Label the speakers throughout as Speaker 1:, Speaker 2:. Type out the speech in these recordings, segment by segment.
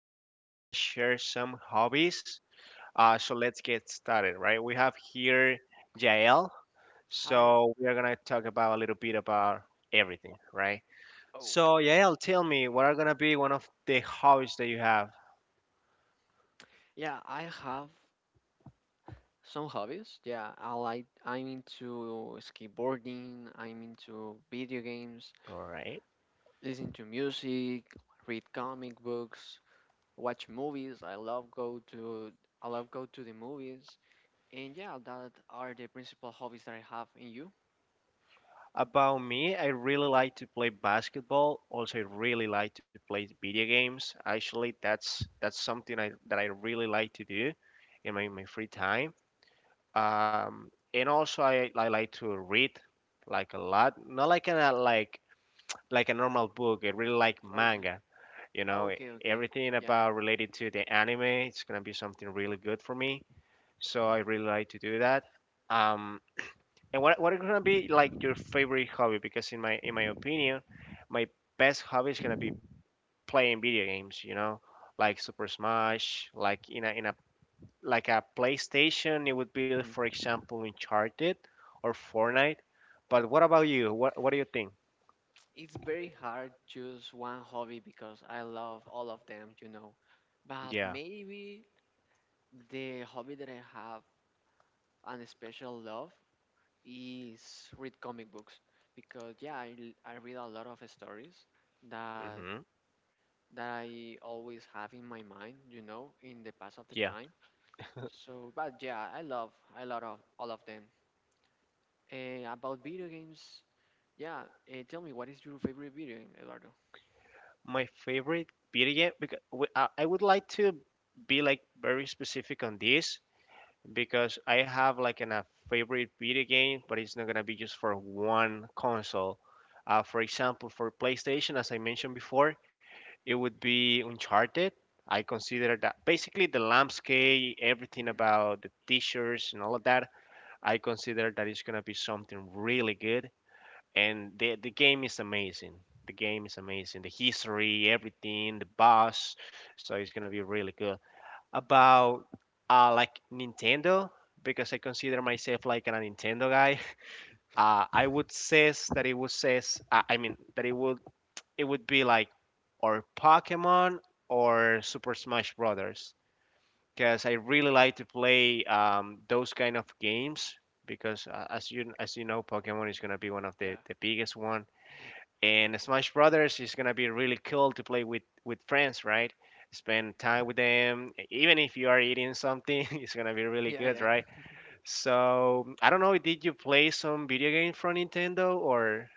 Speaker 1: Today we are gonna share some hobbies. So let's get started, right? We have here Jael.
Speaker 2: Hi,
Speaker 1: So we are gonna talk about a little bit about everything, right? So
Speaker 2: okay.
Speaker 1: Jael, tell me, what are gonna be one of the hobbies that you have?
Speaker 2: Yeah, I have some hobbies. Yeah, I'm into skateboarding, I'm into video games,
Speaker 1: All right.
Speaker 2: listen to music, read comic books, watch movies. I love go to the movies. And yeah, that are the principal hobbies that I have in you.
Speaker 1: About me, I really like to play basketball. Also, I really like to play video games. Actually, that's something I that I really like to do in my free time. um and also I like to read, like, a lot. Not like a, like, like a normal book. I really like
Speaker 2: Okay.
Speaker 1: manga, you know,
Speaker 2: Okay, okay.
Speaker 1: everything
Speaker 2: Yeah.
Speaker 1: about related to the anime. It's gonna be something really good for me, so I really like to do that. um and what is gonna be, like, your favorite hobby? Because in my opinion, my best hobby is gonna be playing video games, you know, like Super Smash, like in a, like a PlayStation, it would be,
Speaker 2: hmm
Speaker 1: for example, Uncharted or Fortnite. But what about you? What do you think?
Speaker 2: It's very hard choose one hobby because I love all of them, But
Speaker 1: Yeah.
Speaker 2: maybe the hobby that I have and a special love is read comic books because yeah, I read a lot of stories that
Speaker 1: hmm
Speaker 2: I always have in my mind, in the past of the
Speaker 1: Yeah.
Speaker 2: time. So, but yeah, I love of all of them. Eh, about video games, yeah. Tell me, what is your favorite video game, Eduardo?
Speaker 1: My favorite video game, because I would like to be, like, very specific on this, because I have, like, a favorite video game, but it's not gonna be just for one console. For example, for PlayStation, as I mentioned before, it would be Uncharted. I consider that basically the landscape, everything
Speaker 2: hmm
Speaker 1: about the t-shirts and all of that, I consider that it's gonna be something really good. And the game is amazing. The game is amazing. The history, everything, the boss. So it's gonna be really good. About, uh, like Nintendo, because I consider myself like a Nintendo guy. I would says that it would says, I mean, that it would be like, or Pokemon or Super Smash Brothers, because I really like to play those kind of games, because, as you know, Pokemon is gonna be one of the,
Speaker 2: Yeah,
Speaker 1: the biggest one, and Smash Brothers is gonna be really cool to play with friends, right? Spend time with them. Even if you are eating something, it's gonna be really
Speaker 2: yeah,
Speaker 1: good,
Speaker 2: yeah.
Speaker 1: right? So I don't know, did you play some video game from Nintendo or?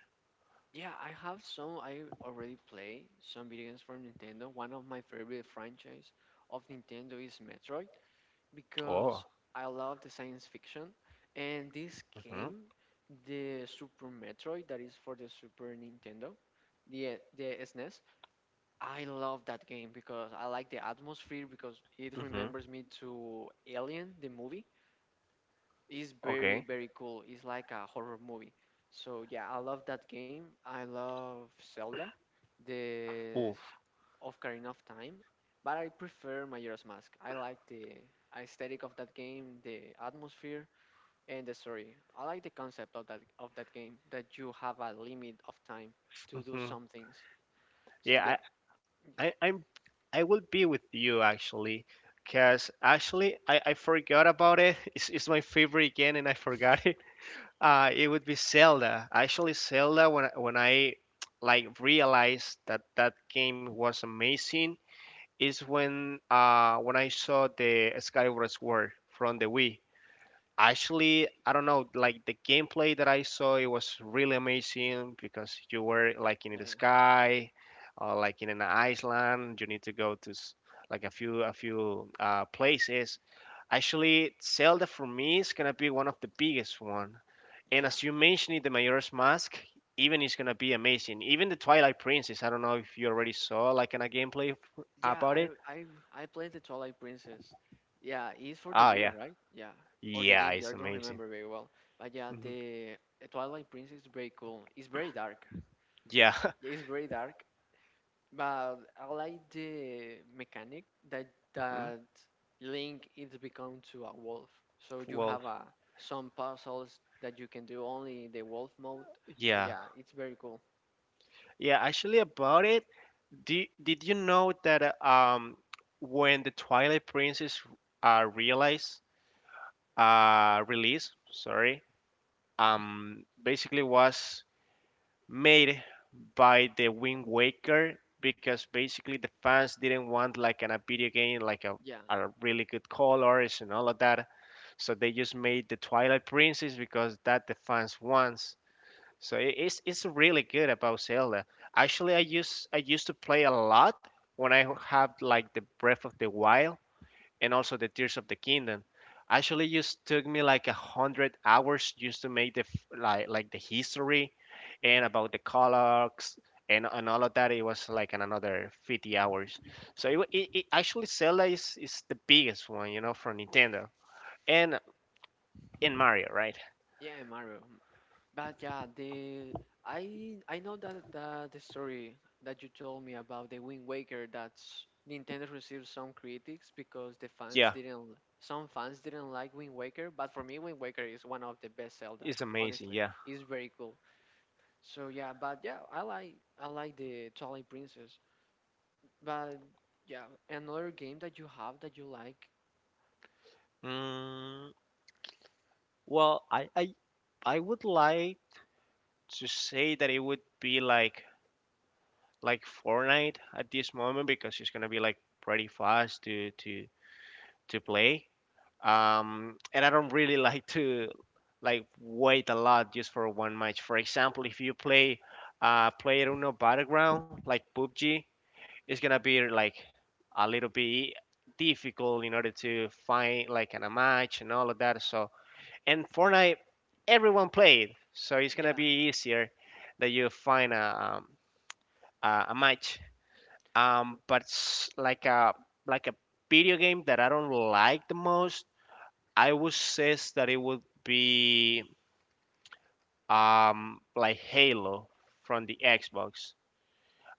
Speaker 2: Yeah, I have some. I already play some video games from Nintendo. One of my favorite franchise of Nintendo is Metroid
Speaker 1: Oh.
Speaker 2: because I love the science fiction. And this
Speaker 1: hmm
Speaker 2: game, the Super Metroid, that is for the Super Nintendo, the SNES. I love that game because I like the atmosphere because it
Speaker 1: hmm
Speaker 2: remembers me to Alien, the movie. It's very,
Speaker 1: okay.
Speaker 2: very cool. It's like a horror movie. So yeah, I love that game. I love Zelda, the
Speaker 1: Oof.
Speaker 2: s- Ocarina of Time, but I prefer Majora's Mask. I like the aesthetic of that game, the atmosphere, and the story. I like the concept of that game that you have a limit of time to do
Speaker 1: Mhm.
Speaker 2: some things. So
Speaker 1: Yeah, I'm, I will be with you, actually, because actually I forgot about it. It's my favorite game, and I forgot it. It would be Zelda. Actually, Zelda. When I like realized that that game was amazing, is when, when I saw the Skyward Sword from the Wii. Actually, I don't know, like the gameplay that I saw, it was really amazing because you were
Speaker 2: yeah,
Speaker 1: like in the sky, or like in an island. You need to go to like a few places. Actually, Zelda for me is gonna be one of the biggest one. And
Speaker 2: yeah.
Speaker 1: as you mentioned, it, the Majora's Mask, even, is gonna be amazing. Even the Twilight Princess. I don't know if you already saw, like, in a gameplay
Speaker 2: yeah.
Speaker 1: about
Speaker 2: I
Speaker 1: it.
Speaker 2: I I played the Twilight Princess. Yeah, it's for the
Speaker 1: Oh
Speaker 2: Wii,
Speaker 1: yeah,
Speaker 2: right? Yeah, or the
Speaker 1: yeah,
Speaker 2: Game Gear. I
Speaker 1: it's
Speaker 2: don't
Speaker 1: amazing.
Speaker 2: remember very well. But yeah,
Speaker 1: Mhm.
Speaker 2: the Twilight Princess is very cool. It's very dark.
Speaker 1: Yeah.
Speaker 2: Yeah, it's very dark. But I like the mechanic that
Speaker 1: Mhm.
Speaker 2: that Link is become to a wolf. So you
Speaker 1: Well,
Speaker 2: have a some puzzles that you can do only in the wolf mode. So
Speaker 1: yeah.
Speaker 2: yeah, it's very cool.
Speaker 1: Yeah, actually, about it, did you know that, when the Twilight Princess, realized, release, sorry, basically was made by the Wind Waker, because basically the fans didn't want like a video game like
Speaker 2: Yeah.
Speaker 1: a really good colors and all of that, so they just made the Twilight Princess because that the fans wants. So it's really good about Zelda. Actually, I used to play a lot when I had like the Breath of the Wild and also the Tears of the Kingdom. Actually, it just took me like 100 hours just to make like the history, and
Speaker 2: Mhm.
Speaker 1: about the colors and all of that. It was like an another 50 hours. So it actually Zelda is the biggest one, you know, from Nintendo and Mario, right?
Speaker 2: Yeah, Mario. But yeah, the I know that the story that you told me about the Wind Waker that's Nintendo received some critics because the fans
Speaker 1: Yeah,
Speaker 2: didn't some fans didn't like Wind Waker, but for me Wind Waker is one of the best Zelda,
Speaker 1: it's amazing.
Speaker 2: honestly.
Speaker 1: Yeah.
Speaker 2: It's very cool. So yeah, but yeah, I like the Twilight Princess. But yeah, another game that you have that you like.
Speaker 1: Mm, well, I would like to say that it would be like Fortnite at this moment, because it's gonna be like pretty fast to to play. And I don't really like to, like, wait a lot just for one match. For example, if you play, uh, PlayerUnknown's Battleground, like PUBG, it's gonna be like a little bit difficult in order to find like a match and all of that. So. And Fortnite, everyone played, so it's gonna
Speaker 2: Yeah.
Speaker 1: be easier that you find a, a match. But like a, like a video game that I don't like the most, I would say that it would be, like Halo from the Xbox.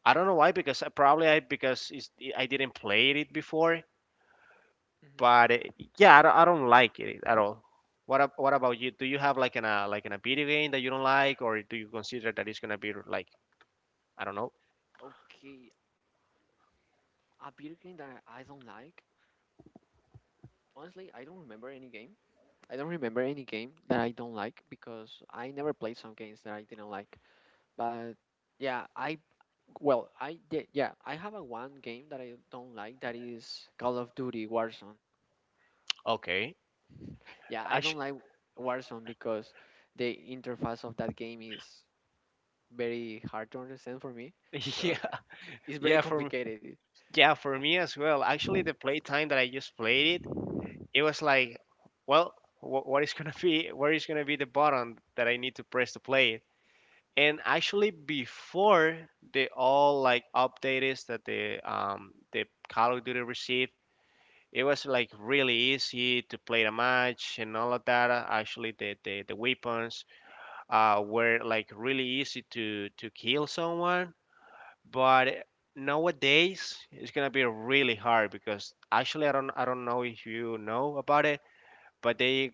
Speaker 1: I don't know why, because probably I, because it's, I didn't play it before,
Speaker 2: Mhm.
Speaker 1: but it, yeah, I don't like it at all. What about you? Do you have like an a video game that you don't like, or do you consider that it's gonna be like, I don't know?
Speaker 2: Okay, a video game that I don't like. Honestly, I don't remember any game. I don't remember any game that I don't like because I never played some games that I didn't like. But yeah, I well, I did yeah, I have a one game that I don't like that is Call of Duty Warzone.
Speaker 1: Okay,
Speaker 2: Yeah, I
Speaker 1: I sh-
Speaker 2: don't like Warzone because the interface of that game is very hard to understand for me. So
Speaker 1: yeah
Speaker 2: yeah, it's very
Speaker 1: yeah for
Speaker 2: complicated.
Speaker 1: yeah, for me as well. Actually, the playtime that I just played it, it was like, well, what is gonna be, where is gonna be the button that I need to press to play it? And actually, before the all like updates that the, the Call of Duty received, it was like really easy to play the match and all of that. Actually, the weapons, were like really easy to kill someone, but nowadays it's gonna be really hard because actually I don't know if you know about it, but they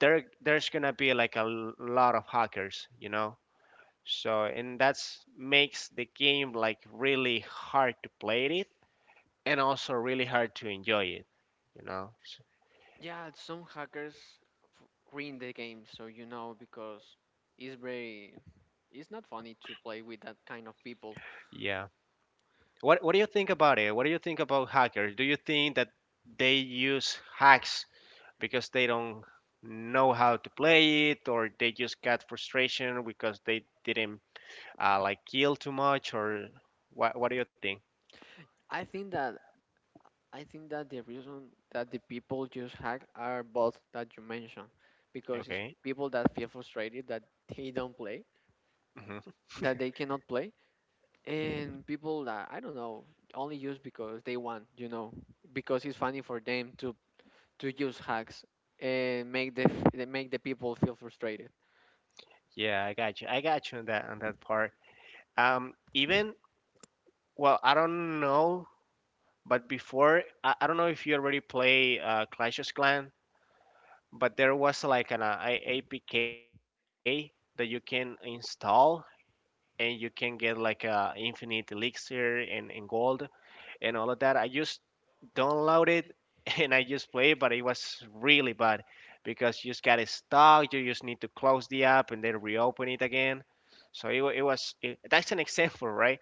Speaker 1: there there's gonna be like lot of hackers, you know. So, and that's makes the game like really hard to play it, and also really hard to enjoy it, you know. So,
Speaker 2: Yeah, some hackers f- ruin the game, so because it's very it's not funny to play with that kind of people.
Speaker 1: yeah. What do you think about it? What do you think about hackers? Do you think that they use hacks because they don't know how to play it, or they just got frustration because they didn't, like kill too much, or what? What do you think?
Speaker 2: I think that the reason that the people use hack are both that you mentioned, because it's
Speaker 1: Okay.
Speaker 2: people that feel frustrated that they don't play,
Speaker 1: hmm
Speaker 2: that they cannot play, and people that I don't know only use because they want, because it's funny for them to use hacks and make the they make the people feel frustrated.
Speaker 1: Yeah, I got you. I got you on that, on that part. Even, well, I don't know, but before, I don't know if you already play, Clash of Clans, but there was like an, APK that you can install and you can get like a infinite elixir and, gold and all of that. I just downloaded and I just played, but it was really bad because you just got stuck. You just need to close the app and then reopen it again. So that's an example, right?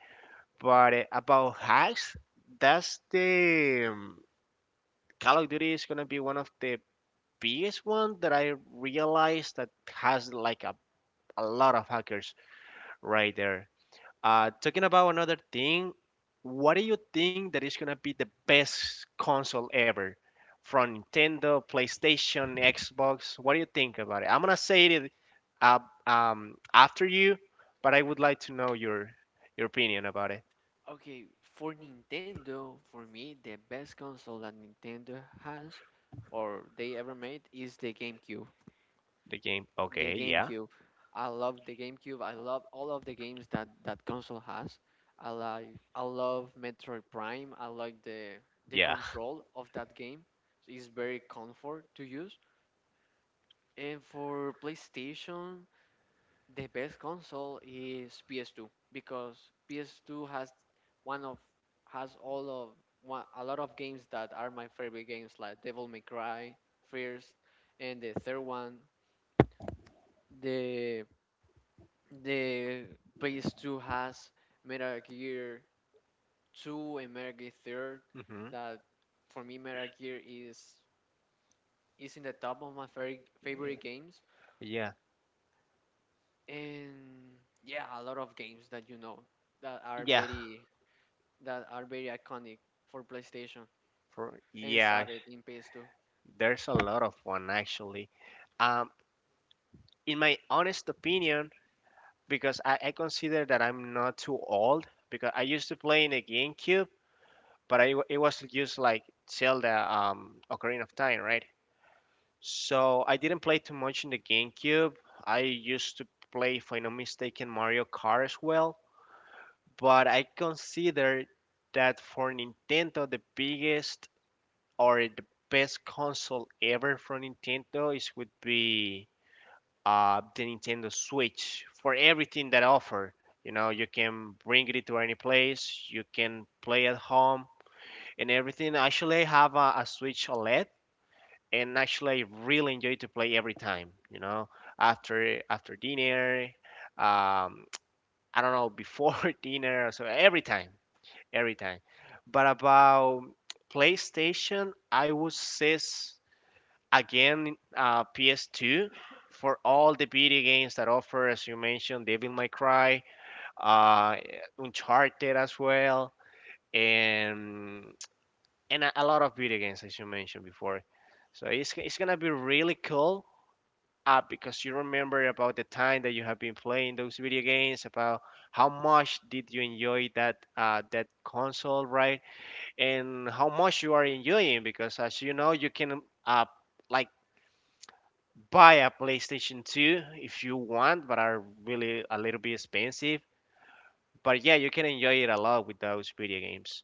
Speaker 1: But, about hacks, that's the, Call of Duty is gonna be one of the biggest one that I realized that has like a lot of hackers right there. Talking about another thing, what do you think that is gonna be the best console ever? From Nintendo, PlayStation, Xbox, what do you think about it? I'm gonna say it, uh, after you, but I would like to know your opinion about it.
Speaker 2: Okay, for Nintendo, for me, the best console that Nintendo has or they ever made is
Speaker 1: The game.
Speaker 2: the
Speaker 1: Okay, yeah,
Speaker 2: GameCube. I love the GameCube. I love all of the games that console has. I love Metroid Prime. I like the
Speaker 1: yeah.
Speaker 2: control of that game. It's very comfort to use. And for PlayStation, the best console is PS2 because PS2 has one of has all of one, a lot of games that are my favorite games like Devil May Cry, First, and the third one, the The PS2 has Metal Gear 2 and Metal Gear 3.
Speaker 1: hmm
Speaker 2: That for me, Metal Gear is in the top of my favorite games.
Speaker 1: Yeah,
Speaker 2: And yeah, a lot of games that you know that are
Speaker 1: yeah.
Speaker 2: very iconic for PlayStation
Speaker 1: For
Speaker 2: and
Speaker 1: Yeah,
Speaker 2: started in PS2.
Speaker 1: there's a lot of one, actually. Um, in my honest opinion, because I consider that I'm not too old, because I used to play in a GameCube, but I, it was just like Zelda, Ocarina of Time, right? So I didn't play too much in the GameCube. I used to play, if I'm not mistaken, Mario Kart as well. But I consider that for Nintendo, the biggest or the best console ever from Nintendo is would be, the Nintendo Switch, for everything that offer. You know, you can bring it to any place, you can play at home and everything. Actually, I have a Switch OLED, and actually I really enjoy to play every time, you know, after dinner, um, I don't know, before dinner, so every time, every time. But about PlayStation, I would say again, PS2, for all the video games that offer, as you mentioned, Devil May Cry, uh, Uncharted as well, and a lot of video games as you mentioned before. So it's gonna be really cool. Because you remember about the time that you have been playing those video games, about how much did you enjoy that, that console, right? And how much you are enjoying, because as you know, you can, uh, like buy a PlayStation 2 if you want, but are really a little bit expensive. But yeah, you can enjoy it a lot with those video games.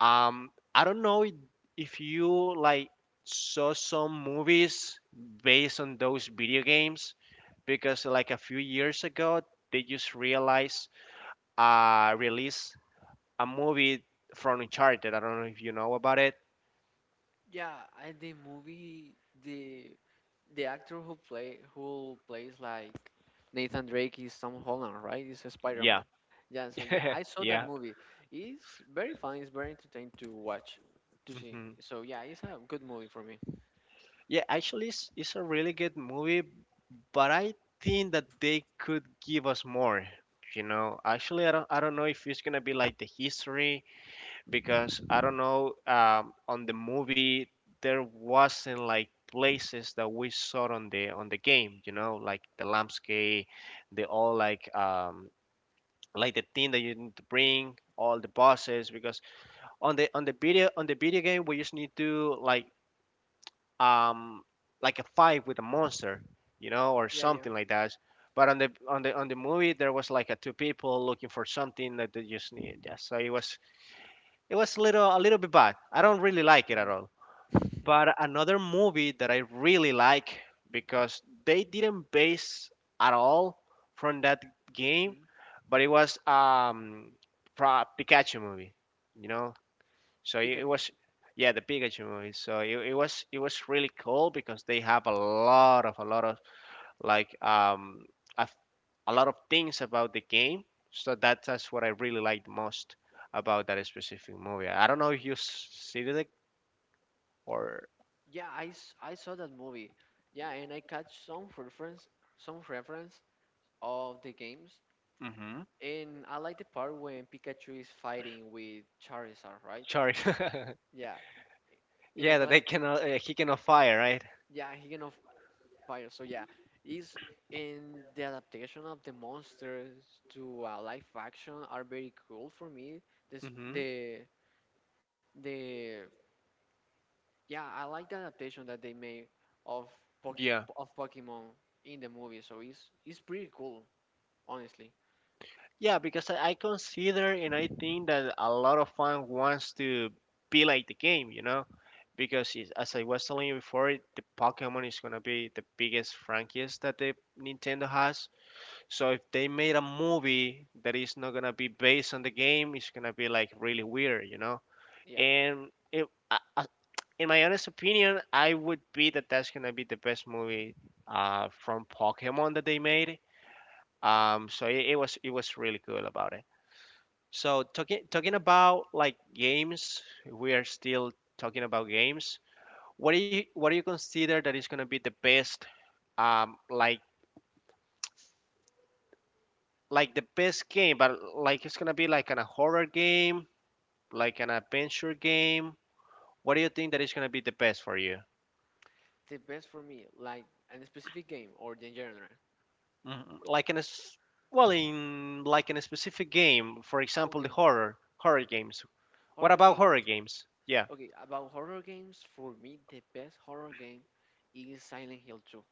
Speaker 1: I don't know if you like saw some movies based on those video games because like a few years ago they just realized release a movie from Uncharted. I don't know if you know about it.
Speaker 2: Yeah, and the movie, the the actor who plays like Nathan Drake is Tom Holland, right? It's
Speaker 1: Yeah.
Speaker 2: Spider-Man. Yeah, so yeah, I saw that
Speaker 1: Yeah.
Speaker 2: movie. It's very fun. It's very entertaining to watch, to see.
Speaker 1: Mhm.
Speaker 2: So yeah, it's a good movie for me.
Speaker 1: Yeah, actually, it's a really good movie, but I think that they could give us more. You know, actually, I don't know if it's gonna be like the history because I don't know. On the movie, there wasn't like places that we saw on the game. You know, like the landscape, the all like the thing that you need to bring, all the bosses. Because on the video game, we just need to um, like a fight with a monster, you know, or
Speaker 2: Yeah.
Speaker 1: something like that. But on the movie, there was like a two people looking for something that they just need. Yeah, so it was a little bit bad. I don't really like it at
Speaker 2: hmm
Speaker 1: all. But another movie that I really like because they didn't base at all from that game,
Speaker 2: hmm
Speaker 1: but it was Pikachu movie. You know, so it, it
Speaker 2: Pikachu.
Speaker 1: was, yeah, the Pikachu movie. So it was really cool because they have a lot of like a, a lot of things about the game. So that's what I really liked most about that specific movie. I don't know if you see it or
Speaker 2: Yeah, I saw that movie. Yeah, and I catch some reference of the games,
Speaker 1: Mm-hmm.
Speaker 2: and I like the part when Pikachu is fighting with Charizard, right?
Speaker 1: Sorry,
Speaker 2: Yeah, in a
Speaker 1: yeah, that
Speaker 2: class,
Speaker 1: they cannot he cannot fire, right?
Speaker 2: yeah, he can on fire. So yeah, is in the adaptation of the monsters to live action are very cool for me. This
Speaker 1: Mm-hmm.
Speaker 2: the Yeah, I like the adaptation that they made of Poke- Pokemon in the movie. So it's pretty cool, honestly.
Speaker 1: Yeah, because I consider and I think that a lot of fans wants to be like the game, you know, because as I was telling you before, the Pokemon is gonna be the biggest franchise that the Nintendo has. So if they made a movie that is not gonna be based on the game, it's gonna be like really weird, you know.
Speaker 2: Yeah,
Speaker 1: And I- I- in my honest opinion, I would be that that's gonna be the best movie from Pokemon that they made. So it was really good about it. So talking about like games, we are still talking about games. What do you consider that is gonna be the best um like like the best game, but like it's gonna be like an a horror game, like an adventure game. What do you think that is gonna be the best for you?
Speaker 2: the best for me like in a specific game or the genre.
Speaker 1: Mhm. Like well, in like in a specific game, for example, the
Speaker 2: Okay,
Speaker 1: horror games. What
Speaker 2: horror
Speaker 1: about horror
Speaker 2: games.
Speaker 1: games? Yeah.
Speaker 2: Okay, about horror games, for me, the best horror game is Silent Hill 2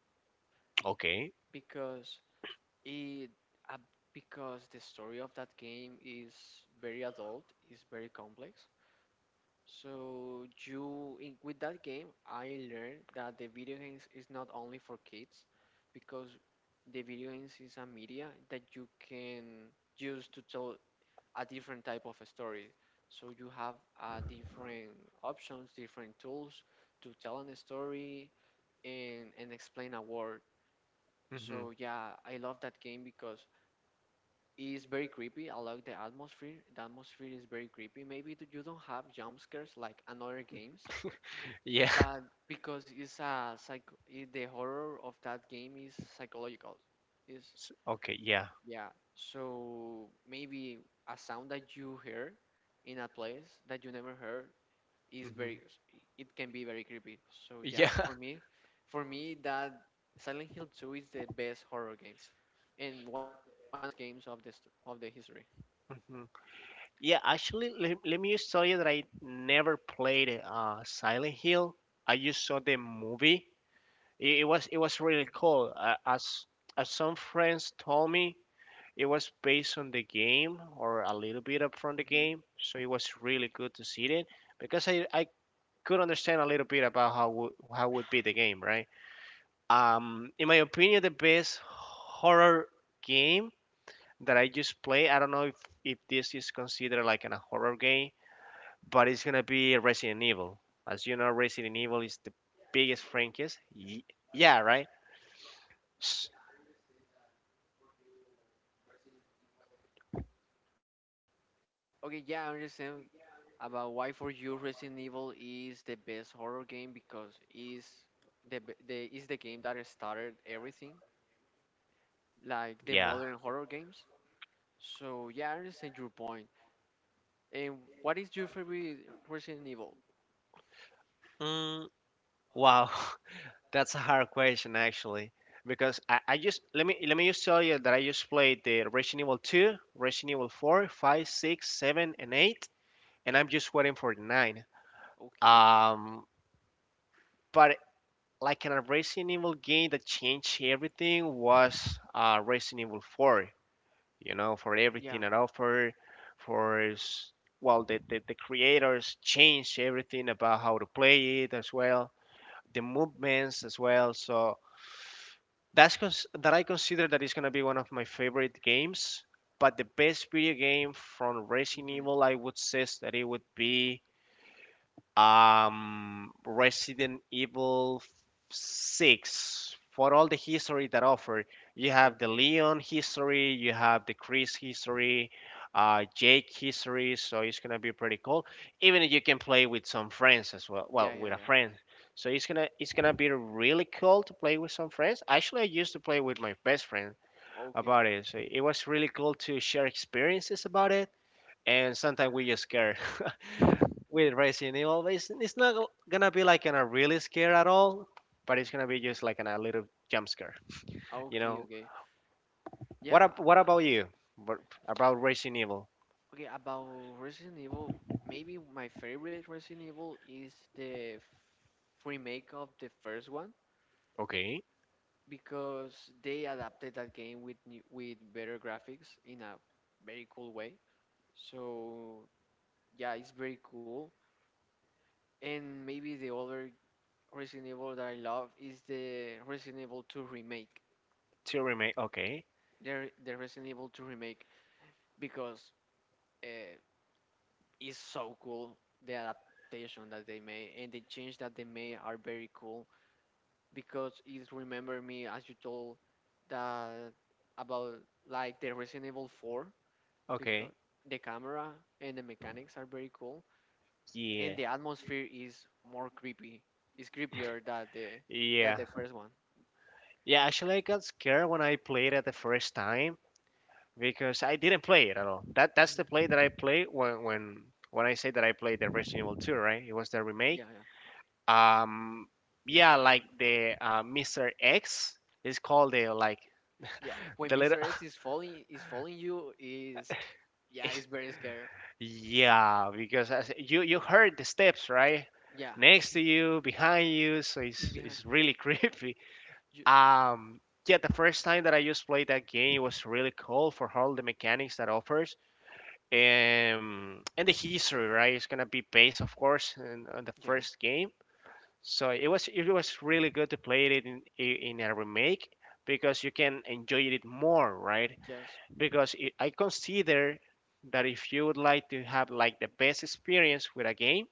Speaker 1: Okay.
Speaker 2: because it uh, because the story of that game is very adult, is very complex. So you in, with that game, I learned that the video games is not only for kids because the video games is a media that you can use to tell a different type of a story. So you have different options, different tools to tell a story and explain a word.
Speaker 1: Hmm.
Speaker 2: So yeah, I love that game because it's very creepy. I like the atmosphere. The atmosphere is very creepy. Maybe you don't have jump scares like in other games,
Speaker 1: Yeah.
Speaker 2: but because it's a the horror of that game is psychological. It's
Speaker 1: Okay. Yeah.
Speaker 2: Yeah, so maybe a sound that you hear in a place that you never heard is
Speaker 1: Hmm.
Speaker 2: very, it can be very creepy. So
Speaker 1: Yeah.
Speaker 2: yeah, for me that Silent Hill 2 is the best horror game and one of the best games of this of the history.
Speaker 1: Yeah, actually, let me just tell you that I never played Silent Hill. I just saw the movie. It was really cool. As some friends told me, it was based on the game or a little bit up from the
Speaker 2: Hmm.
Speaker 1: game. So it was really good to see it because I could understand a little bit about how would be the game, right? In my opinion, the best horror game that I just play. I don't know if this is considered like a horror game but it's gonna be Resident Evil. As you know, Resident Evil is the biggest franchise. Yeah, right? S-
Speaker 2: Okay, yeah, I understand about why for you Resident Evil is the best horror game because is the b- the is the game that started everything,
Speaker 1: yeah.
Speaker 2: like the modern horror games. So yeah, I understand your point. And what is your favorite Resident Evil?
Speaker 1: Mm, wow, that's a hard question actually, because I just let me just tell you that I just played the Resident Evil 2, Resident Evil 4, 5, 6, 7, and 8, and I'm just waiting for the 9.
Speaker 2: Okay.
Speaker 1: Um, but like in a Resident Evil game that changed everything was Resident Evil 4, you know, for
Speaker 2: Yeah.
Speaker 1: everything at offer, for well, the creators change everything about how to play it as well, the movements as well. So that I consider that is gonna be one of my favorite games. But the best video game from Resident
Speaker 2: Hmm.
Speaker 1: Evil, I would say that it would be Resident Evil 6. For all the history that offer, you have the
Speaker 2: Okay.
Speaker 1: Leon history, you have the Chris history, Jake history, so it's gonna be pretty cool. Even if you can play with some friends as well,
Speaker 2: Yeah,
Speaker 1: well,
Speaker 2: yeah,
Speaker 1: with a
Speaker 2: yeah.
Speaker 1: friend. So it's gonna be really cool to play with some friends. Actually, I used to play with my best friend
Speaker 2: Okay.
Speaker 1: about it, so it was really cool to share experiences about it and sometimes we just scare with Resident Evil. It's not gonna be like in a really scare at all, but it's gonna be just like in a little jump scare. You
Speaker 2: Okay,
Speaker 1: know
Speaker 2: okay.
Speaker 1: what?
Speaker 2: Yeah.
Speaker 1: What about you? What about Resident Evil?
Speaker 2: Okay, about Resident Evil, maybe my favorite Resident Evil is the remake of the first one
Speaker 1: Okay,
Speaker 2: because they adapted that game with better graphics in a very cool way. So, yeah, it's very cool. And maybe the other Resident Evil that I love is the Resident Evil 2 remake.
Speaker 1: two remake. Okay,
Speaker 2: The, the Resident Evil 2 remake because uh, it's so cool. The adaptation that they made and the change that they made are very cool because it remember me as you told that about like the Resident Evil 4
Speaker 1: okay,
Speaker 2: because the camera and the mechanics are very cool and the
Speaker 1: yeah,
Speaker 2: atmosphere is more creepy. It's creepier than
Speaker 1: yeah,
Speaker 2: the first one.
Speaker 1: yeah. Actually, I got scared when I played it the first time because I didn't play it at all. That's the play that I
Speaker 2: Mhm.
Speaker 1: played when I say that I played the Resident Evil 2, right? It was the
Speaker 2: Yeah,
Speaker 1: remake,
Speaker 2: yeah,
Speaker 1: um yeah, like the Mr. X is called the, like,
Speaker 2: yeah. When
Speaker 1: the little
Speaker 2: Mr. X is following you, is yeah, it's very scary.
Speaker 1: yeah, because as you heard the steps right
Speaker 2: Yeah,
Speaker 1: next to you behind you, so
Speaker 2: in
Speaker 1: it's
Speaker 2: behind
Speaker 1: it's really creepy.
Speaker 2: you.
Speaker 1: um yeah, the first time that I just played that game, it was really cool for all the mechanics that offers. And the history, right? It's gonna be based, of course, on the
Speaker 2: Yeah,
Speaker 1: first game. So it was really good to play it in a remake because you can enjoy it more, right?
Speaker 2: yes,
Speaker 1: Because I consider that if you would like to have like the best experience with a game,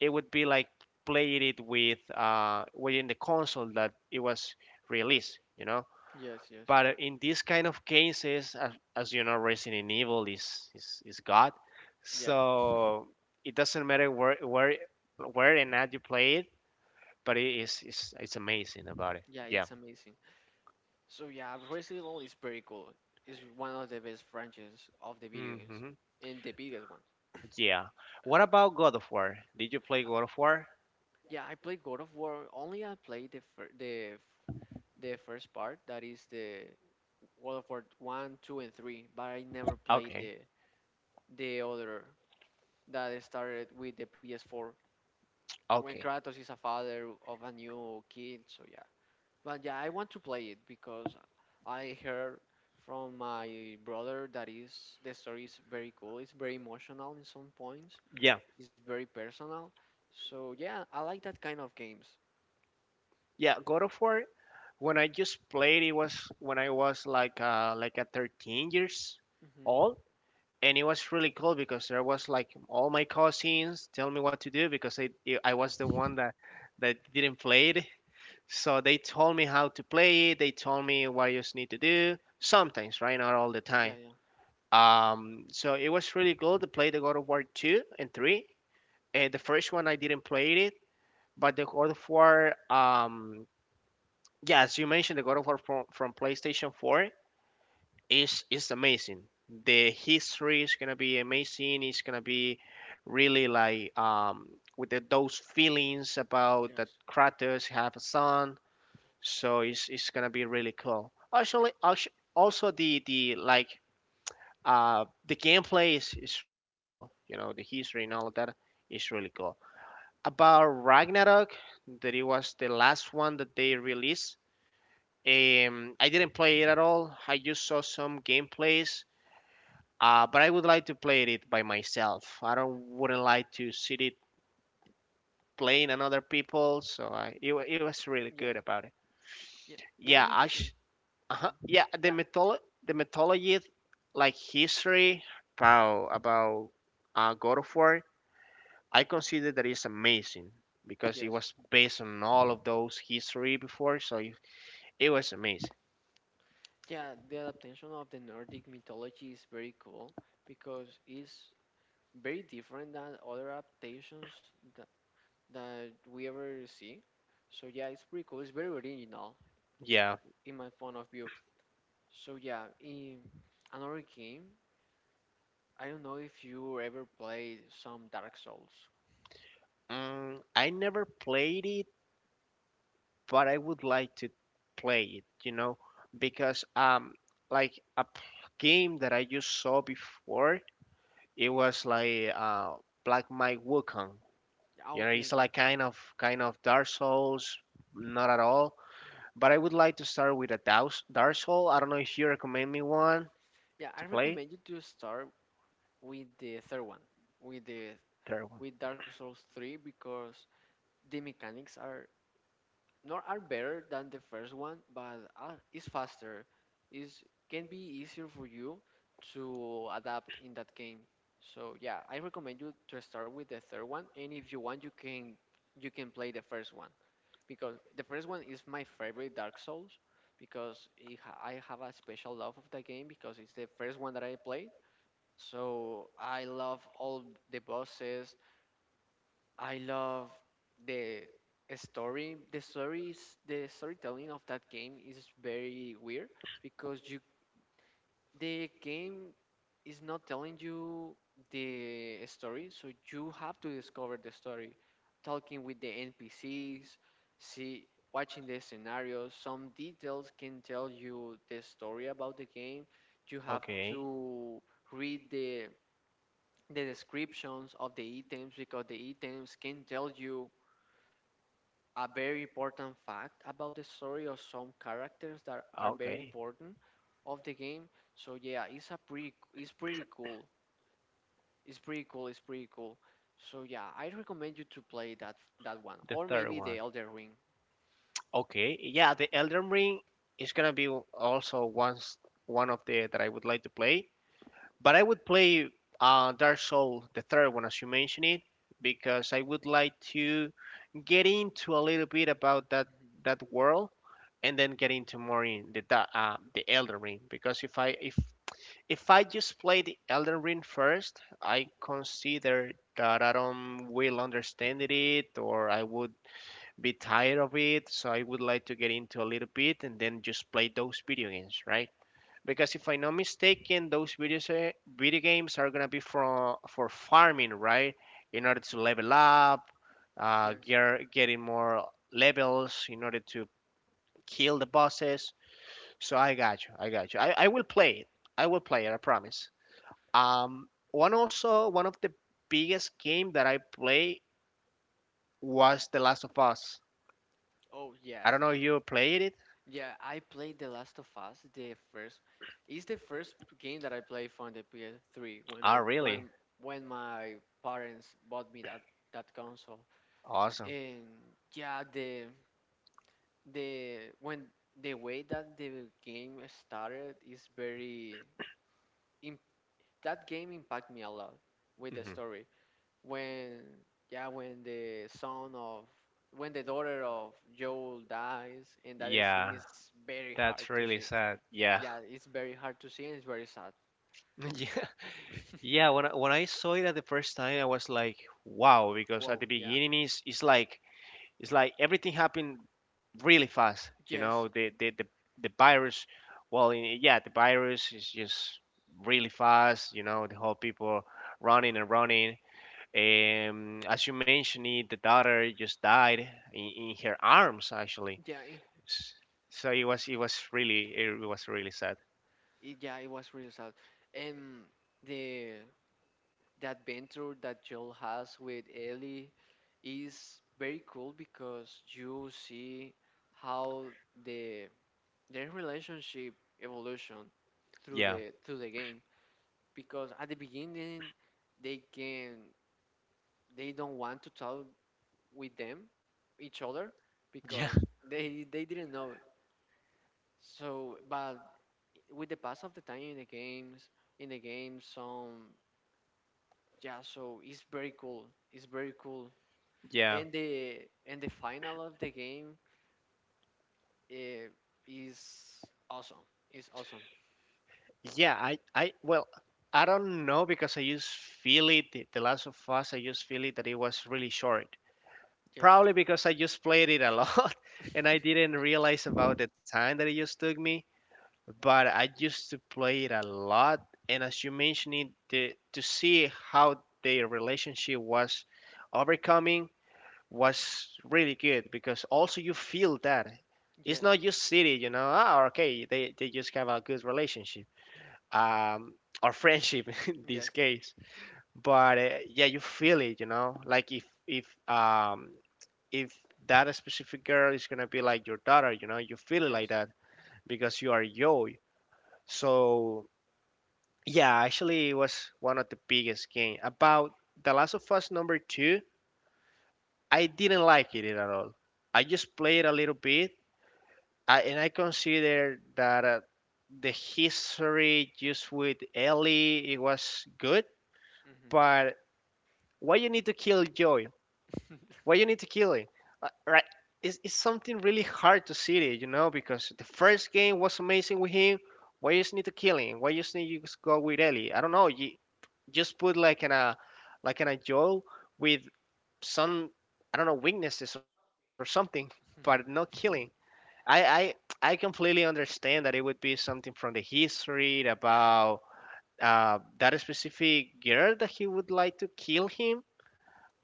Speaker 1: it would be like playing it with within the console that it was released, you know.
Speaker 2: yes.
Speaker 1: But in these kind of cases, as you know, Resident Evil is God,
Speaker 2: Yeah,
Speaker 1: so it doesn't matter where and how you play it but it's amazing about it.
Speaker 2: yeah,
Speaker 1: Yeah.
Speaker 2: it's amazing. So yeah, Resident Evil is pretty cool. It's one of the best franchises of the video games
Speaker 1: Hmm.
Speaker 2: and the biggest one.
Speaker 1: Yeah. What about God of War? Did you play God of War?
Speaker 2: Yeah, I played God of War. Only I played the fir the f- The first part, that is the God of War one, two, and three. But I never played
Speaker 1: Okay.
Speaker 2: the other that started with the PS4 when
Speaker 1: Okay.
Speaker 2: Kratos is a father of a new kid. So yeah, but yeah, I want to play it because I heard from my brother that is the story is very cool. It's very emotional in some points.
Speaker 1: Yeah.
Speaker 2: It's very personal. So yeah, I like that kind of games.
Speaker 1: Yeah. God of War. When I just played, it was when I was like a 13 years
Speaker 2: hmm
Speaker 1: old, and it was really cool because there was like all my cousins tell me what to do because I was the one that didn't play it. So they told me how to play it. They told me what I just need to do. Sometimes, right? Not all the
Speaker 2: Yeah,
Speaker 1: time.
Speaker 2: yeah.
Speaker 1: So it was really cool to play the God of War 2 and 3. And the first one I didn't play it, but the God of War, yeah, as you mentioned, the God of War
Speaker 2: Hmm.
Speaker 1: from, PlayStation 4 is amazing. The history is gonna be amazing. It's gonna be really like, with those feelings about that
Speaker 2: Yes.
Speaker 1: Kratos have a son. So it's gonna be really cool. Actually, also the like, the gameplay is really cool. You know, the history and all of that is really cool. About Ragnarok, that it was the last one that they
Speaker 2: Hmm.
Speaker 1: released. I didn't play it at all. I just saw some gameplays. But I would like to play it by myself. I don't wouldn't like to see it playing on other people. So it was really
Speaker 2: Yeah.
Speaker 1: good about it.
Speaker 2: Yeah. Yeah.
Speaker 1: Yeah,
Speaker 2: Me too.
Speaker 1: uh-huh,
Speaker 2: Mhm.
Speaker 1: yeah, the
Speaker 2: Yeah.
Speaker 1: the mythology, like history about God of War I consider that it's amazing because it
Speaker 2: Yes.
Speaker 1: was based on all of those history before, so it was amazing.
Speaker 2: Yeah, the adaptation of the Nordic mythology is very cool because it's very different than other adaptations that, that we ever see. So yeah, it's pretty cool. It's very original
Speaker 1: Yeah,
Speaker 2: in my point of view. So yeah, in another game, I don't know if you ever played some Dark Souls.
Speaker 1: I never played it, but I would like to play it, you know, because like a game that I just saw before, it was like Black Mike Wukong.
Speaker 2: Yeah.
Speaker 1: You know,
Speaker 2: Okay,
Speaker 1: it's
Speaker 2: okay.
Speaker 1: like kind of Dark Souls, not at all. But I would like to start with a Dark Soul. I don't know if you recommend me one
Speaker 2: Yeah, I
Speaker 1: to play.
Speaker 2: recommend you to start with the third one, with the
Speaker 1: There
Speaker 2: with Dark Souls 3 because the mechanics are nor are better than the first one, but is faster. Is can be easier for you to adapt in that game. So yeah, I recommend you to start with the third one, and if you want, you can play the first one because the first one is my favorite Dark Souls because I have a special love of the game because it's the first one that I played. So I love all the bosses, I love the story. The stories, the storytelling of that game is very weird because you the game is not telling you the story, so you have to discover the story, talking with the NPCs, see watching the scenarios. Some details can tell you the story about the game. You have
Speaker 1: Okay,
Speaker 2: to read the descriptions of the items because the items can tell you a very important fact about the story of some characters that are very
Speaker 1: okay.
Speaker 2: important of the game. So yeah, it's pretty cool. It's pretty cool. It's pretty cool. So yeah, I recommend you to play that one
Speaker 1: The
Speaker 2: or
Speaker 1: third
Speaker 2: maybe
Speaker 1: one.
Speaker 2: the Elder Ring.
Speaker 1: Okay, yeah, the Elden Ring is gonna be also once one of the that I would like to play. But I would play Dark Soul, the third one, as you mentioned it, because I would like to get into a little bit about that world, and then get into more in the the Elden Ring. Because if I just play the Elden Ring first, I consider that I don't will understand it, or I would Bit tired of it. So I would like to get into a little bit and then just play those video games, right? Because if I'm not mistaken, those videos, video games are gonna be for farming, right? In order to level up,
Speaker 2: Yes.
Speaker 1: getting more levels in order to kill the bosses. So I got you, I got you. I will play it.
Speaker 2: Yes.
Speaker 1: I will play it. I promise. One also one of the biggest game that I play was The Last of Us.
Speaker 2: Oh
Speaker 1: I
Speaker 2: yes.
Speaker 1: don't know if you played it.
Speaker 2: Yeah, I played The Last of Us, the first. It's the first game that I played from the PS3 when
Speaker 1: Ah,
Speaker 2: I
Speaker 1: really?
Speaker 2: when my parents bought me that console.
Speaker 1: Awesome.
Speaker 2: And yeah, the when the way that the game started is very im that game impacted me a lot with the
Speaker 1: Hmm
Speaker 2: story. When yeah, when the daughter of Joel dies, and that is scene
Speaker 1: Yeah,
Speaker 2: is very hard
Speaker 1: that's
Speaker 2: to
Speaker 1: really
Speaker 2: see.
Speaker 1: sad. Yeah.
Speaker 2: Yeah, it's very hard to see and it's very sad.
Speaker 1: Yeah. Yeah, when I, when I saw it at the first time, I was like, wow, because at
Speaker 2: Wow,
Speaker 1: the
Speaker 2: yeah.
Speaker 1: beginning is it's like everything happened really fast. You know,
Speaker 2: Yes,
Speaker 1: the virus, well, yeah, the virus is just really fast. You know, the whole people running and running. As you mentioned, it, the daughter just died in her arms actually.
Speaker 2: yeah,
Speaker 1: S- So it was really it was really sad.
Speaker 2: it was really sad. And the that venture that Joel has with Ellie is very cool because you see how the their relationship evolution through
Speaker 1: Yeah,
Speaker 2: the game because at the beginning they can they don't want to talk with them each other
Speaker 1: yeah,
Speaker 2: because they didn't know so, but with the pass of the time in the game some, yeah, so it's very cool, it's very cool,
Speaker 1: yeah.
Speaker 2: and the and the final of the game eh, is awesome. It's awesome.
Speaker 1: Yeah, I well I don't know because I just feel it. The Last of Us, I just feel it that it was really short.
Speaker 2: Yes.
Speaker 1: Probably because I just played it a lot and I didn't realize about the time that it just took me. But I used to play it a lot, and as you mentioned it, to see how their relationship was overcoming was really good because also you feel that it's
Speaker 2: Yes.
Speaker 1: not just city, you know. Ah, okay, they just have a good relationship, um, or friendship in this
Speaker 2: Yes.
Speaker 1: case. But yeah, you feel it, you know. Like if if that specific girl is gonna be like your daughter, you know, you feel it like
Speaker 2: Yes.
Speaker 1: that because you are Joy. So yeah, actually, it was one of the biggest game about The Last of Us number two. I didn't like it at all. I just played a little bit and I consider that the history just with Ellie it was good,
Speaker 2: Hmm.
Speaker 1: but why you need to kill Joy? Why you need to kill him? Right? It's something really hard to see it, you know, because the first game was amazing with him. Why you just need to kill him? Why you just need to just go with Ellie? I don't know. You just put like an a Joel with some I don't know weaknesses or something, but not killing. I I completely understand that it would be something from the history about that specific girl that he would like to kill him,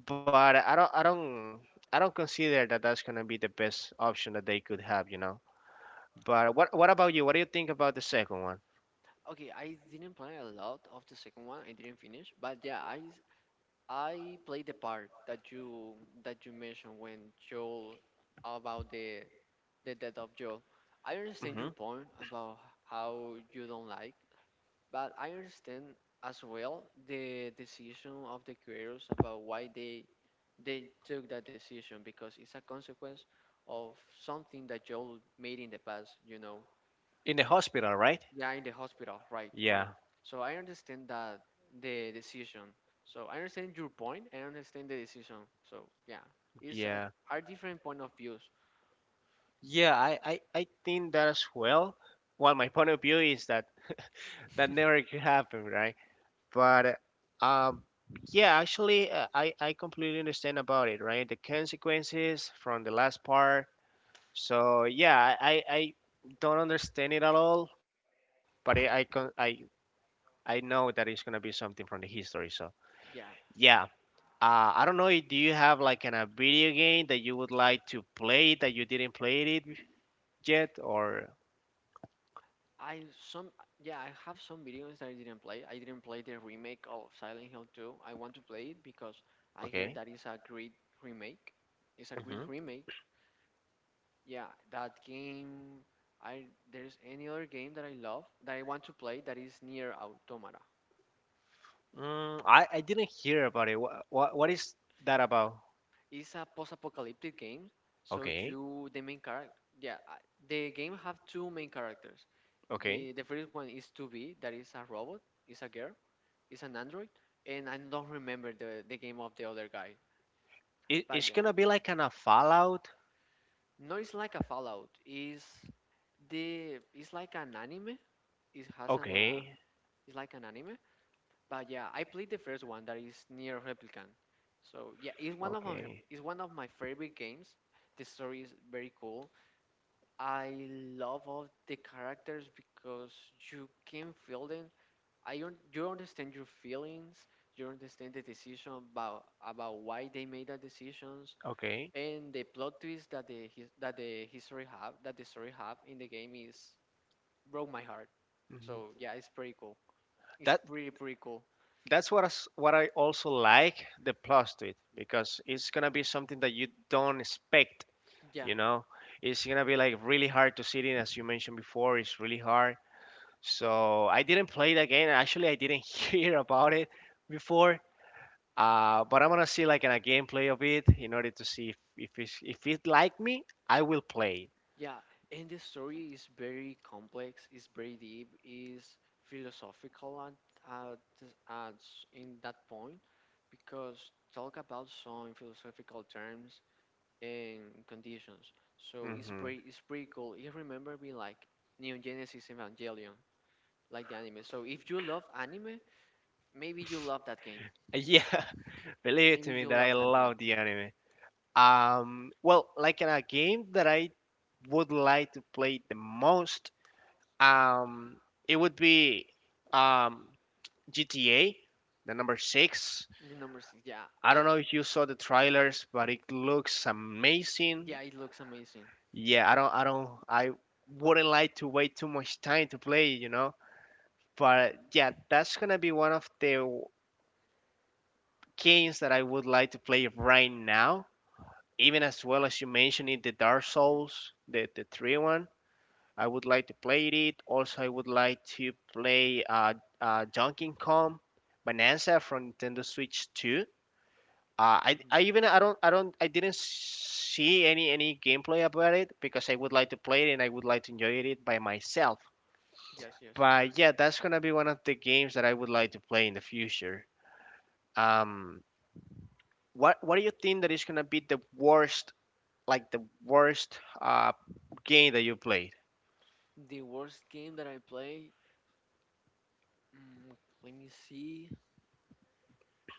Speaker 1: but I don't consider that that's gonna be the best option that they could have, you know. But what about you? What do you think about the second one?
Speaker 2: Okay, I didn't play a lot of the second one. I didn't finish, but yeah, I played the part that you mentioned when Joel about the death of Joel. I understand
Speaker 1: Hmm.
Speaker 2: your point about how you don't like. But I understand as well the decision of the creators about why they took that decision because it's a consequence of something that Joel made in the past, you know.
Speaker 1: In the hospital, right?
Speaker 2: Yeah, in the hospital, right,
Speaker 1: Yeah,
Speaker 2: right. So I understand that the decision. So I understand your point. I understand the decision. So yeah, it's a,
Speaker 1: yeah,
Speaker 2: are different point of views.
Speaker 1: yeah. I think that as well. Well, my point of view is that that never could happen, right? But um yeah actually, I completely understand about it, right? The consequences from the last part. So yeah, I don't understand it at all, but I I know that it's gonna be something from the history. So
Speaker 2: Yeah.
Speaker 1: yeah, I don't know. Do you have like a video game that you would like to play that you didn't play it yet, or
Speaker 2: I some yeah, I have some videos that I didn't play. I didn't play the remake of Silent Hill 2. I want to play it because I hear
Speaker 1: okay?
Speaker 2: that is a great remake. It's a great
Speaker 1: Hmm.
Speaker 2: remake. Yeah, that game I there's any other game that I love that I want to play that is near Automata.
Speaker 1: Mm, I didn't hear about it. What is that about?
Speaker 2: It's a post-apocalyptic game, so
Speaker 1: Okay,
Speaker 2: you the main character, yeah, the game have two main characters.
Speaker 1: okay.
Speaker 2: The first one is 2B that is a robot, is a girl Is an Android, and I don't remember the game of the other guy.
Speaker 1: It,
Speaker 2: But
Speaker 1: it's
Speaker 2: yeah,
Speaker 1: gonna be like kind of Fallout.
Speaker 2: no, it's like a Fallout. Is the it's like an anime. It has an
Speaker 1: Okay,
Speaker 2: it's like an anime. But yeah, I played the first one that is near Replicant. So yeah, it's one of my,
Speaker 1: okay,
Speaker 2: it's one of my favorite games. The story is very cool. I love all the characters because you can feel them. You understand your feelings, you understand the decision about why they made that decisions,
Speaker 1: okay.
Speaker 2: and the plot twist that the history have that the story have in the game is broke my heart. So
Speaker 1: Hmm.
Speaker 2: yeah, it's pretty cool. It's
Speaker 1: That
Speaker 2: pretty pretty cool.
Speaker 1: that's what what I also like the plus to it because it's gonna be something that you don't expect.
Speaker 2: Yeah,
Speaker 1: You know, it's gonna be like really hard to sit in, as you mentioned before. It's really hard. So I didn't play the game. Actually, I didn't hear about it before. But I'm gonna see like a gameplay of it in order to see if it's, if it like me, I will play.
Speaker 2: yeah, and the story is very complex. It's very deep. Is philosophical at, this- at s- in that point because talk about some philosophical terms and conditions. So
Speaker 1: Mm-hmm.
Speaker 2: it's pretty cool. You remember me like Neon Genesis Evangelion, like the anime. So if you love anime, maybe you love that game.
Speaker 1: Yeah, believe
Speaker 2: Maybe
Speaker 1: to me
Speaker 2: you
Speaker 1: that I
Speaker 2: love that game.
Speaker 1: love the anime. Well, like in a game that I would like to play the most, um, it would be um, GTA, the number six.
Speaker 2: The number six, yeah,
Speaker 1: I don't know if you saw the trailers, but it looks
Speaker 2: yeah,
Speaker 1: amazing.
Speaker 2: it looks amazing.
Speaker 1: Yeah, I don't, I wouldn't like to wait too much time to play, you know. But yeah, that's gonna be one of the games that I would like to play right now. Even as well as you mentioned it, the Dark Souls, the 3 1. I would like to play it. Also, I would like to play Donkey Kong Bonanza from Nintendo Switch 2. I even I didn't see any gameplay about it because I would like to play it and I would like to enjoy it by myself.
Speaker 2: Yes, yes.
Speaker 1: But yeah, that's gonna be one of the games that I would like to play in the future. Um, what do you think that is gonna be the worst like the worst game that you played?
Speaker 2: The worst game that I play, mm, let me see.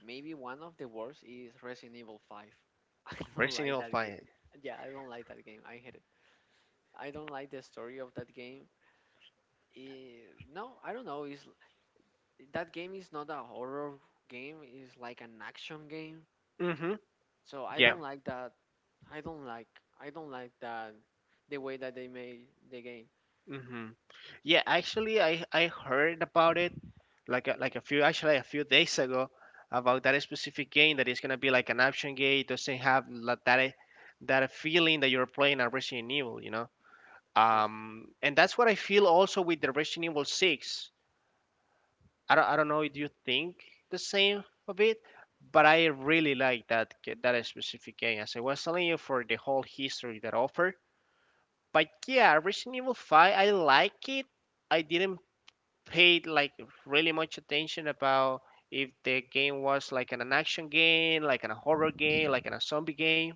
Speaker 2: Maybe one of the worst is Resident Evil 5. I don't
Speaker 1: Resident
Speaker 2: like
Speaker 1: Evil
Speaker 2: that game.
Speaker 1: 5.
Speaker 2: Yeah, I don't like that game. I hate it. I don't like the story of that game. Eh, no, I don't know. It's that game is not a horror game. It's like an action game.
Speaker 1: Mm-hmm.
Speaker 2: So I
Speaker 1: Yeah.
Speaker 2: don't like that. I don't like. I don't like that. The way that they made the game.
Speaker 1: Mm-hmm. Yeah, actually, I heard about it like like a few actually a few days ago about that specific game that is gonna be like an action game. It doesn't have that that feeling that you're playing a Resident Evil, you know.
Speaker 2: Just.
Speaker 1: And that's what I feel also with the Resident Evil Six. I don't know if
Speaker 2: Mhm.
Speaker 1: you think the same of it, but I really like that that specific game. As I was telling you for the whole history that offer. But yeah, Resident Evil 5, I like it. I didn't pay like really much attention about if the game was like an action game, like an a horror game, like an a zombie game.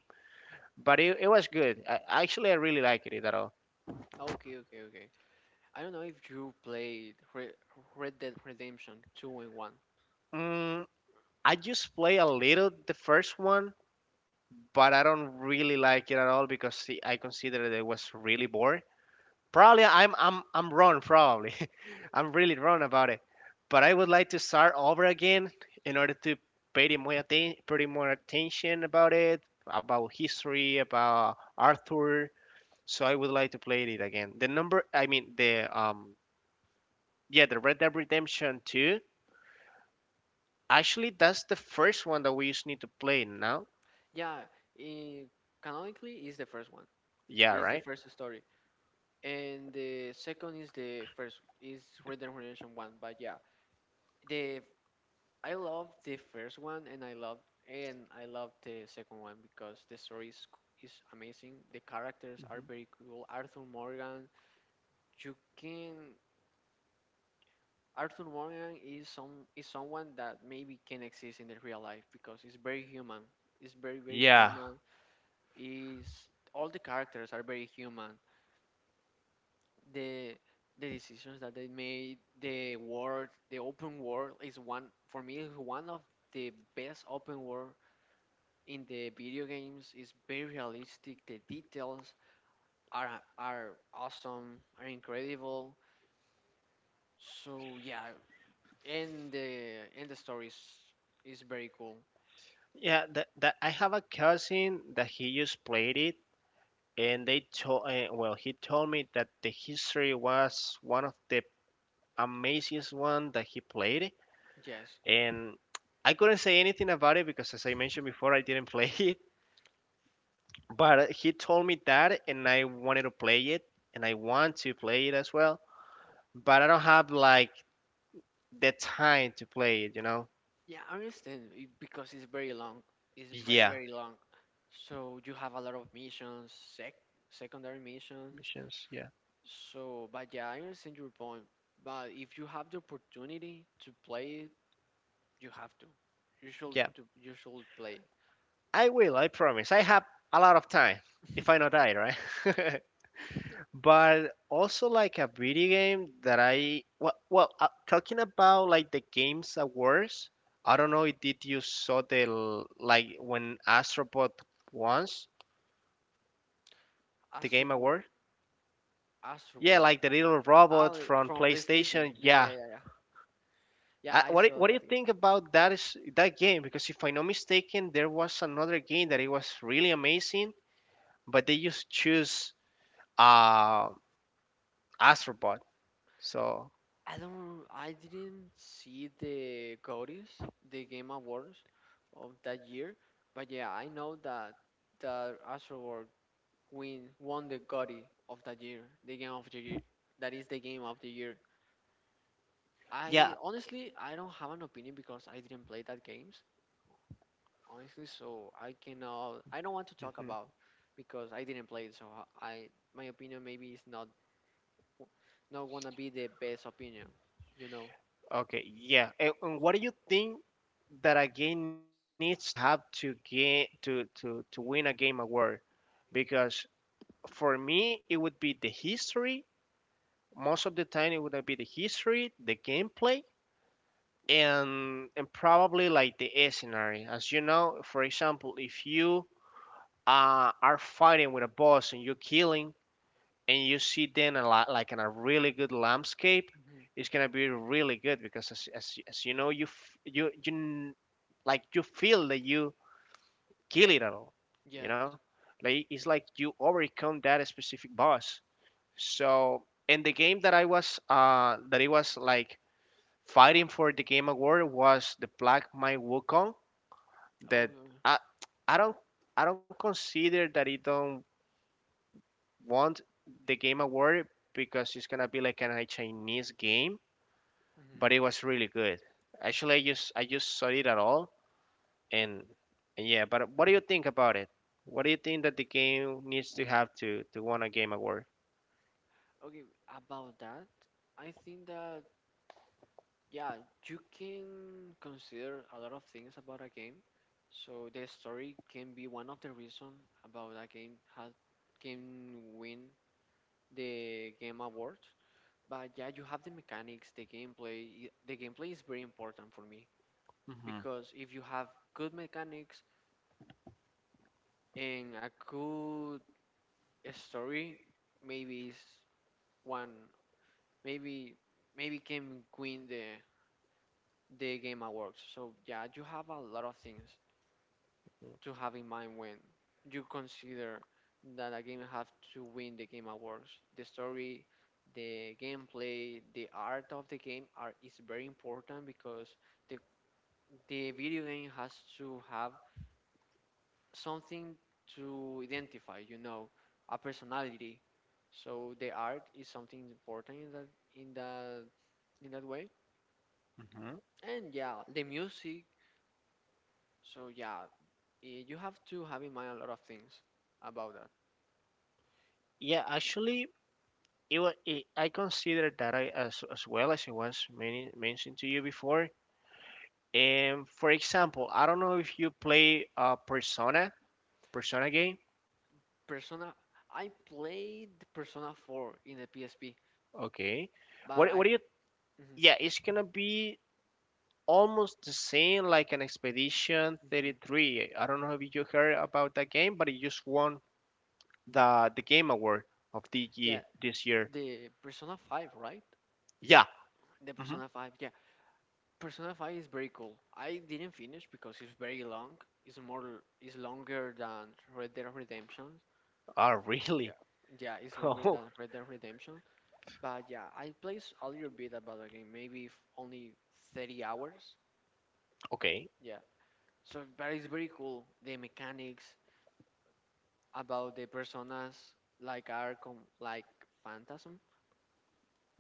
Speaker 1: But it was good. Actually, I really liked it at all.
Speaker 2: Okay, okay, okay. I don't know if you played Re Red Dead Redemption two and one.
Speaker 1: Mm, I just play a little the first one but I don't really like it at all because see, I considered it was really boring. Probably I'm wrong. Probably I'm really wrong about it. But I would like to start over again in order to pay more pay more attention about it, about history, about Arthur. So I would like to play it again. The number, I mean the yeah the Red Dead Redemption 2. Actually, that's the first one that we just need to play now.
Speaker 2: Yeah, eh, canonically is the first one.
Speaker 1: Yeah,
Speaker 2: It's the
Speaker 1: right.
Speaker 2: first story, and the second is the first is Red Dead Redemption one. But yeah, the I love the first one and I love the second one because the story is is amazing. The characters are
Speaker 1: Mhm.
Speaker 2: very cool. Arthur Morgan, you can Arthur Morgan is some is someone that maybe can exist in the real life because it's very human. It's very very
Speaker 1: Yeah,
Speaker 2: human. Is all the characters are very human. The the decisions that they made, the world, the open world is, one for me, is one of the best open world in the video games, is very realistic. The details are awesome, are incredible. So yeah, and the story is very cool.
Speaker 1: yeah, that I have a cousin that he just played it, and they told well, he told me that the history was one of the amazingest one that he played,
Speaker 2: Yes,
Speaker 1: and I couldn't say anything about it because, as I mentioned before, I didn't play it. But he told me that, and I wanted to play it, and I want to play it as well, but I don't have like the time to play it, you know?
Speaker 2: yeah, I understand it because it's very long. It's very
Speaker 1: Yeah,
Speaker 2: very long. So you have a lot of missions, secondary missions.
Speaker 1: missions. Yeah,
Speaker 2: So, but yeah, I understand your point. But if you have the opportunity to play it, you have to.
Speaker 1: yeah.
Speaker 2: You should play
Speaker 1: I will, I promise. I have a lot of time
Speaker 2: it.
Speaker 1: if I not die, right? But also like a video game that I talking about like the games awards. I don't know if did you saw the like when Astrobot wants the game
Speaker 2: Astroboard,
Speaker 1: award? Yeah,
Speaker 2: Astroboard,
Speaker 1: like the little robot
Speaker 2: Ali
Speaker 1: from
Speaker 2: from PlayStation.
Speaker 1: PlayStation.
Speaker 2: Yeah, yeah,
Speaker 1: Yeah.
Speaker 2: yeah, yeah. Yeah, I saw
Speaker 1: What do
Speaker 2: that
Speaker 1: you
Speaker 2: game.
Speaker 1: think about that is that game? Because if I'm not mistaken, there was another game that it was really amazing, but they just choose uh Astrobot. So
Speaker 2: I didn't see the Gotis, the Game Awards of that year, but yeah, I know that Astroboard win won the Gotti of that year, the Game of the Year. That is the Game of the Year.
Speaker 1: yeah,
Speaker 2: I honestly, I don't have an opinion because I didn't play that games. Honestly, so I cannot. I don't want to talk
Speaker 1: mhm,
Speaker 2: about because I didn't play it. So my opinion maybe is not, w- not gonna be the best opinion. You know.
Speaker 1: okay, yeah. And what do you think that a game needs to have to get to to win a game award? Because for me, it would be the history. Most of the time, it would be the history, the gameplay, and probably like the scenario. As you know, for example, if you are fighting with a boss and you're killing and you see then a lot like in a really good landscape,
Speaker 2: Hmm.
Speaker 1: it's gonna be really good because as you know, you you like you feel that you kill it at all, you
Speaker 2: Yes.
Speaker 1: know, like it's like you overcome that specific boss. So in the game that I was that it was like fighting for the game award was the Black My Wukong
Speaker 2: Oh.
Speaker 1: that I I don't I don't consider that it don't won the game award because it's gonna be like a Chinese game,
Speaker 2: Mm-hmm.
Speaker 1: but it was really good. Actually, I just saw it at all, and, and yeah. But what do you think about it? What do you think that the game needs to have to win a game award?
Speaker 2: Okay. About that, I think that yeah, you can consider a lot of things about a game. So the story can be one of the reason about a game has can win the game award. But yeah, you have the mechanics, the gameplay. The gameplay is very important for me because if you have good mechanics and a good story, maybe it's one, maybe maybe can win the game awards. So yeah, you have a lot of things to have in mind when you consider that a game have to win the game awards. The story, the gameplay, the art of the game are is very important because the the video game has to have something to identify, you know, a personality. So the art is something important in that in that in that way.
Speaker 1: Hmm.
Speaker 2: And yeah, the music. So yeah, you have to have in mind a lot of things about that.
Speaker 1: Yeah, actually, was it I consider that I, as well as it was many, mentioned to you before. And for example, I don't know if you play Persona game.
Speaker 2: Persona. I played Persona 4 in the PSP,
Speaker 1: Okay,
Speaker 2: but
Speaker 1: what
Speaker 2: I.
Speaker 1: do you?
Speaker 2: mhm,
Speaker 1: Yeah, it's gonna be almost the same like an Expedition
Speaker 2: mhm.
Speaker 1: 33. I don't know if you heard about that game, but it just won the game award of the
Speaker 2: Yeah,
Speaker 1: year this year.
Speaker 2: the Persona 5, right?
Speaker 1: Yeah.
Speaker 2: The
Speaker 1: Hmm.
Speaker 2: Persona 5, yeah. Persona 5 is very cool. I didn't finish because it's very long. It's longer than Red Dead Redemption.
Speaker 1: Oh, really?
Speaker 2: Yeah, it's longer
Speaker 1: Oh,
Speaker 2: than Red Dead Redemption. But yeah, I played a little bit about the game, maybe only 30 hours.
Speaker 1: okay.
Speaker 2: Yeah. So but it's very cool. The mechanics about the personas are like phantasm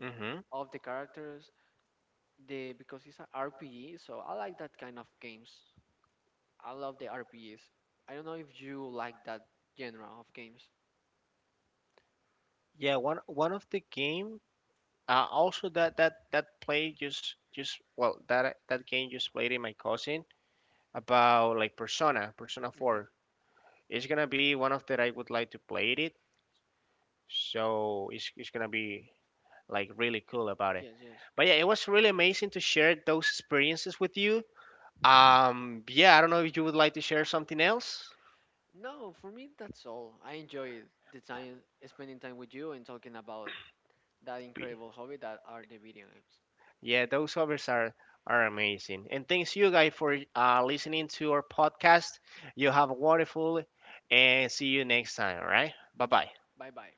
Speaker 1: Hmm.
Speaker 2: of the characters. The because it's a RPG, so I like that kind of games. I love the RPGs. I don't know if you like that genre of games.
Speaker 1: One of the game. Also that play just well that game just played in my cousin about like Persona 4. It's gonna be one of that I would like to play it. So it's gonna be like really cool about it.
Speaker 2: Yes, yes.
Speaker 1: But yeah, it was really amazing to share those experiences with you. Yeah, I don't know if you would like to share something else.
Speaker 2: No, for me that's all. I enjoy the time spending time with you and talking about that
Speaker 1: Pity.
Speaker 2: incredible hobby that are the video games.
Speaker 1: Yeah, those covers are amazing. And thanks you guys for listening to our podcast. You have a wonderful and see you next time. All right, bye bye.
Speaker 2: Bye bye.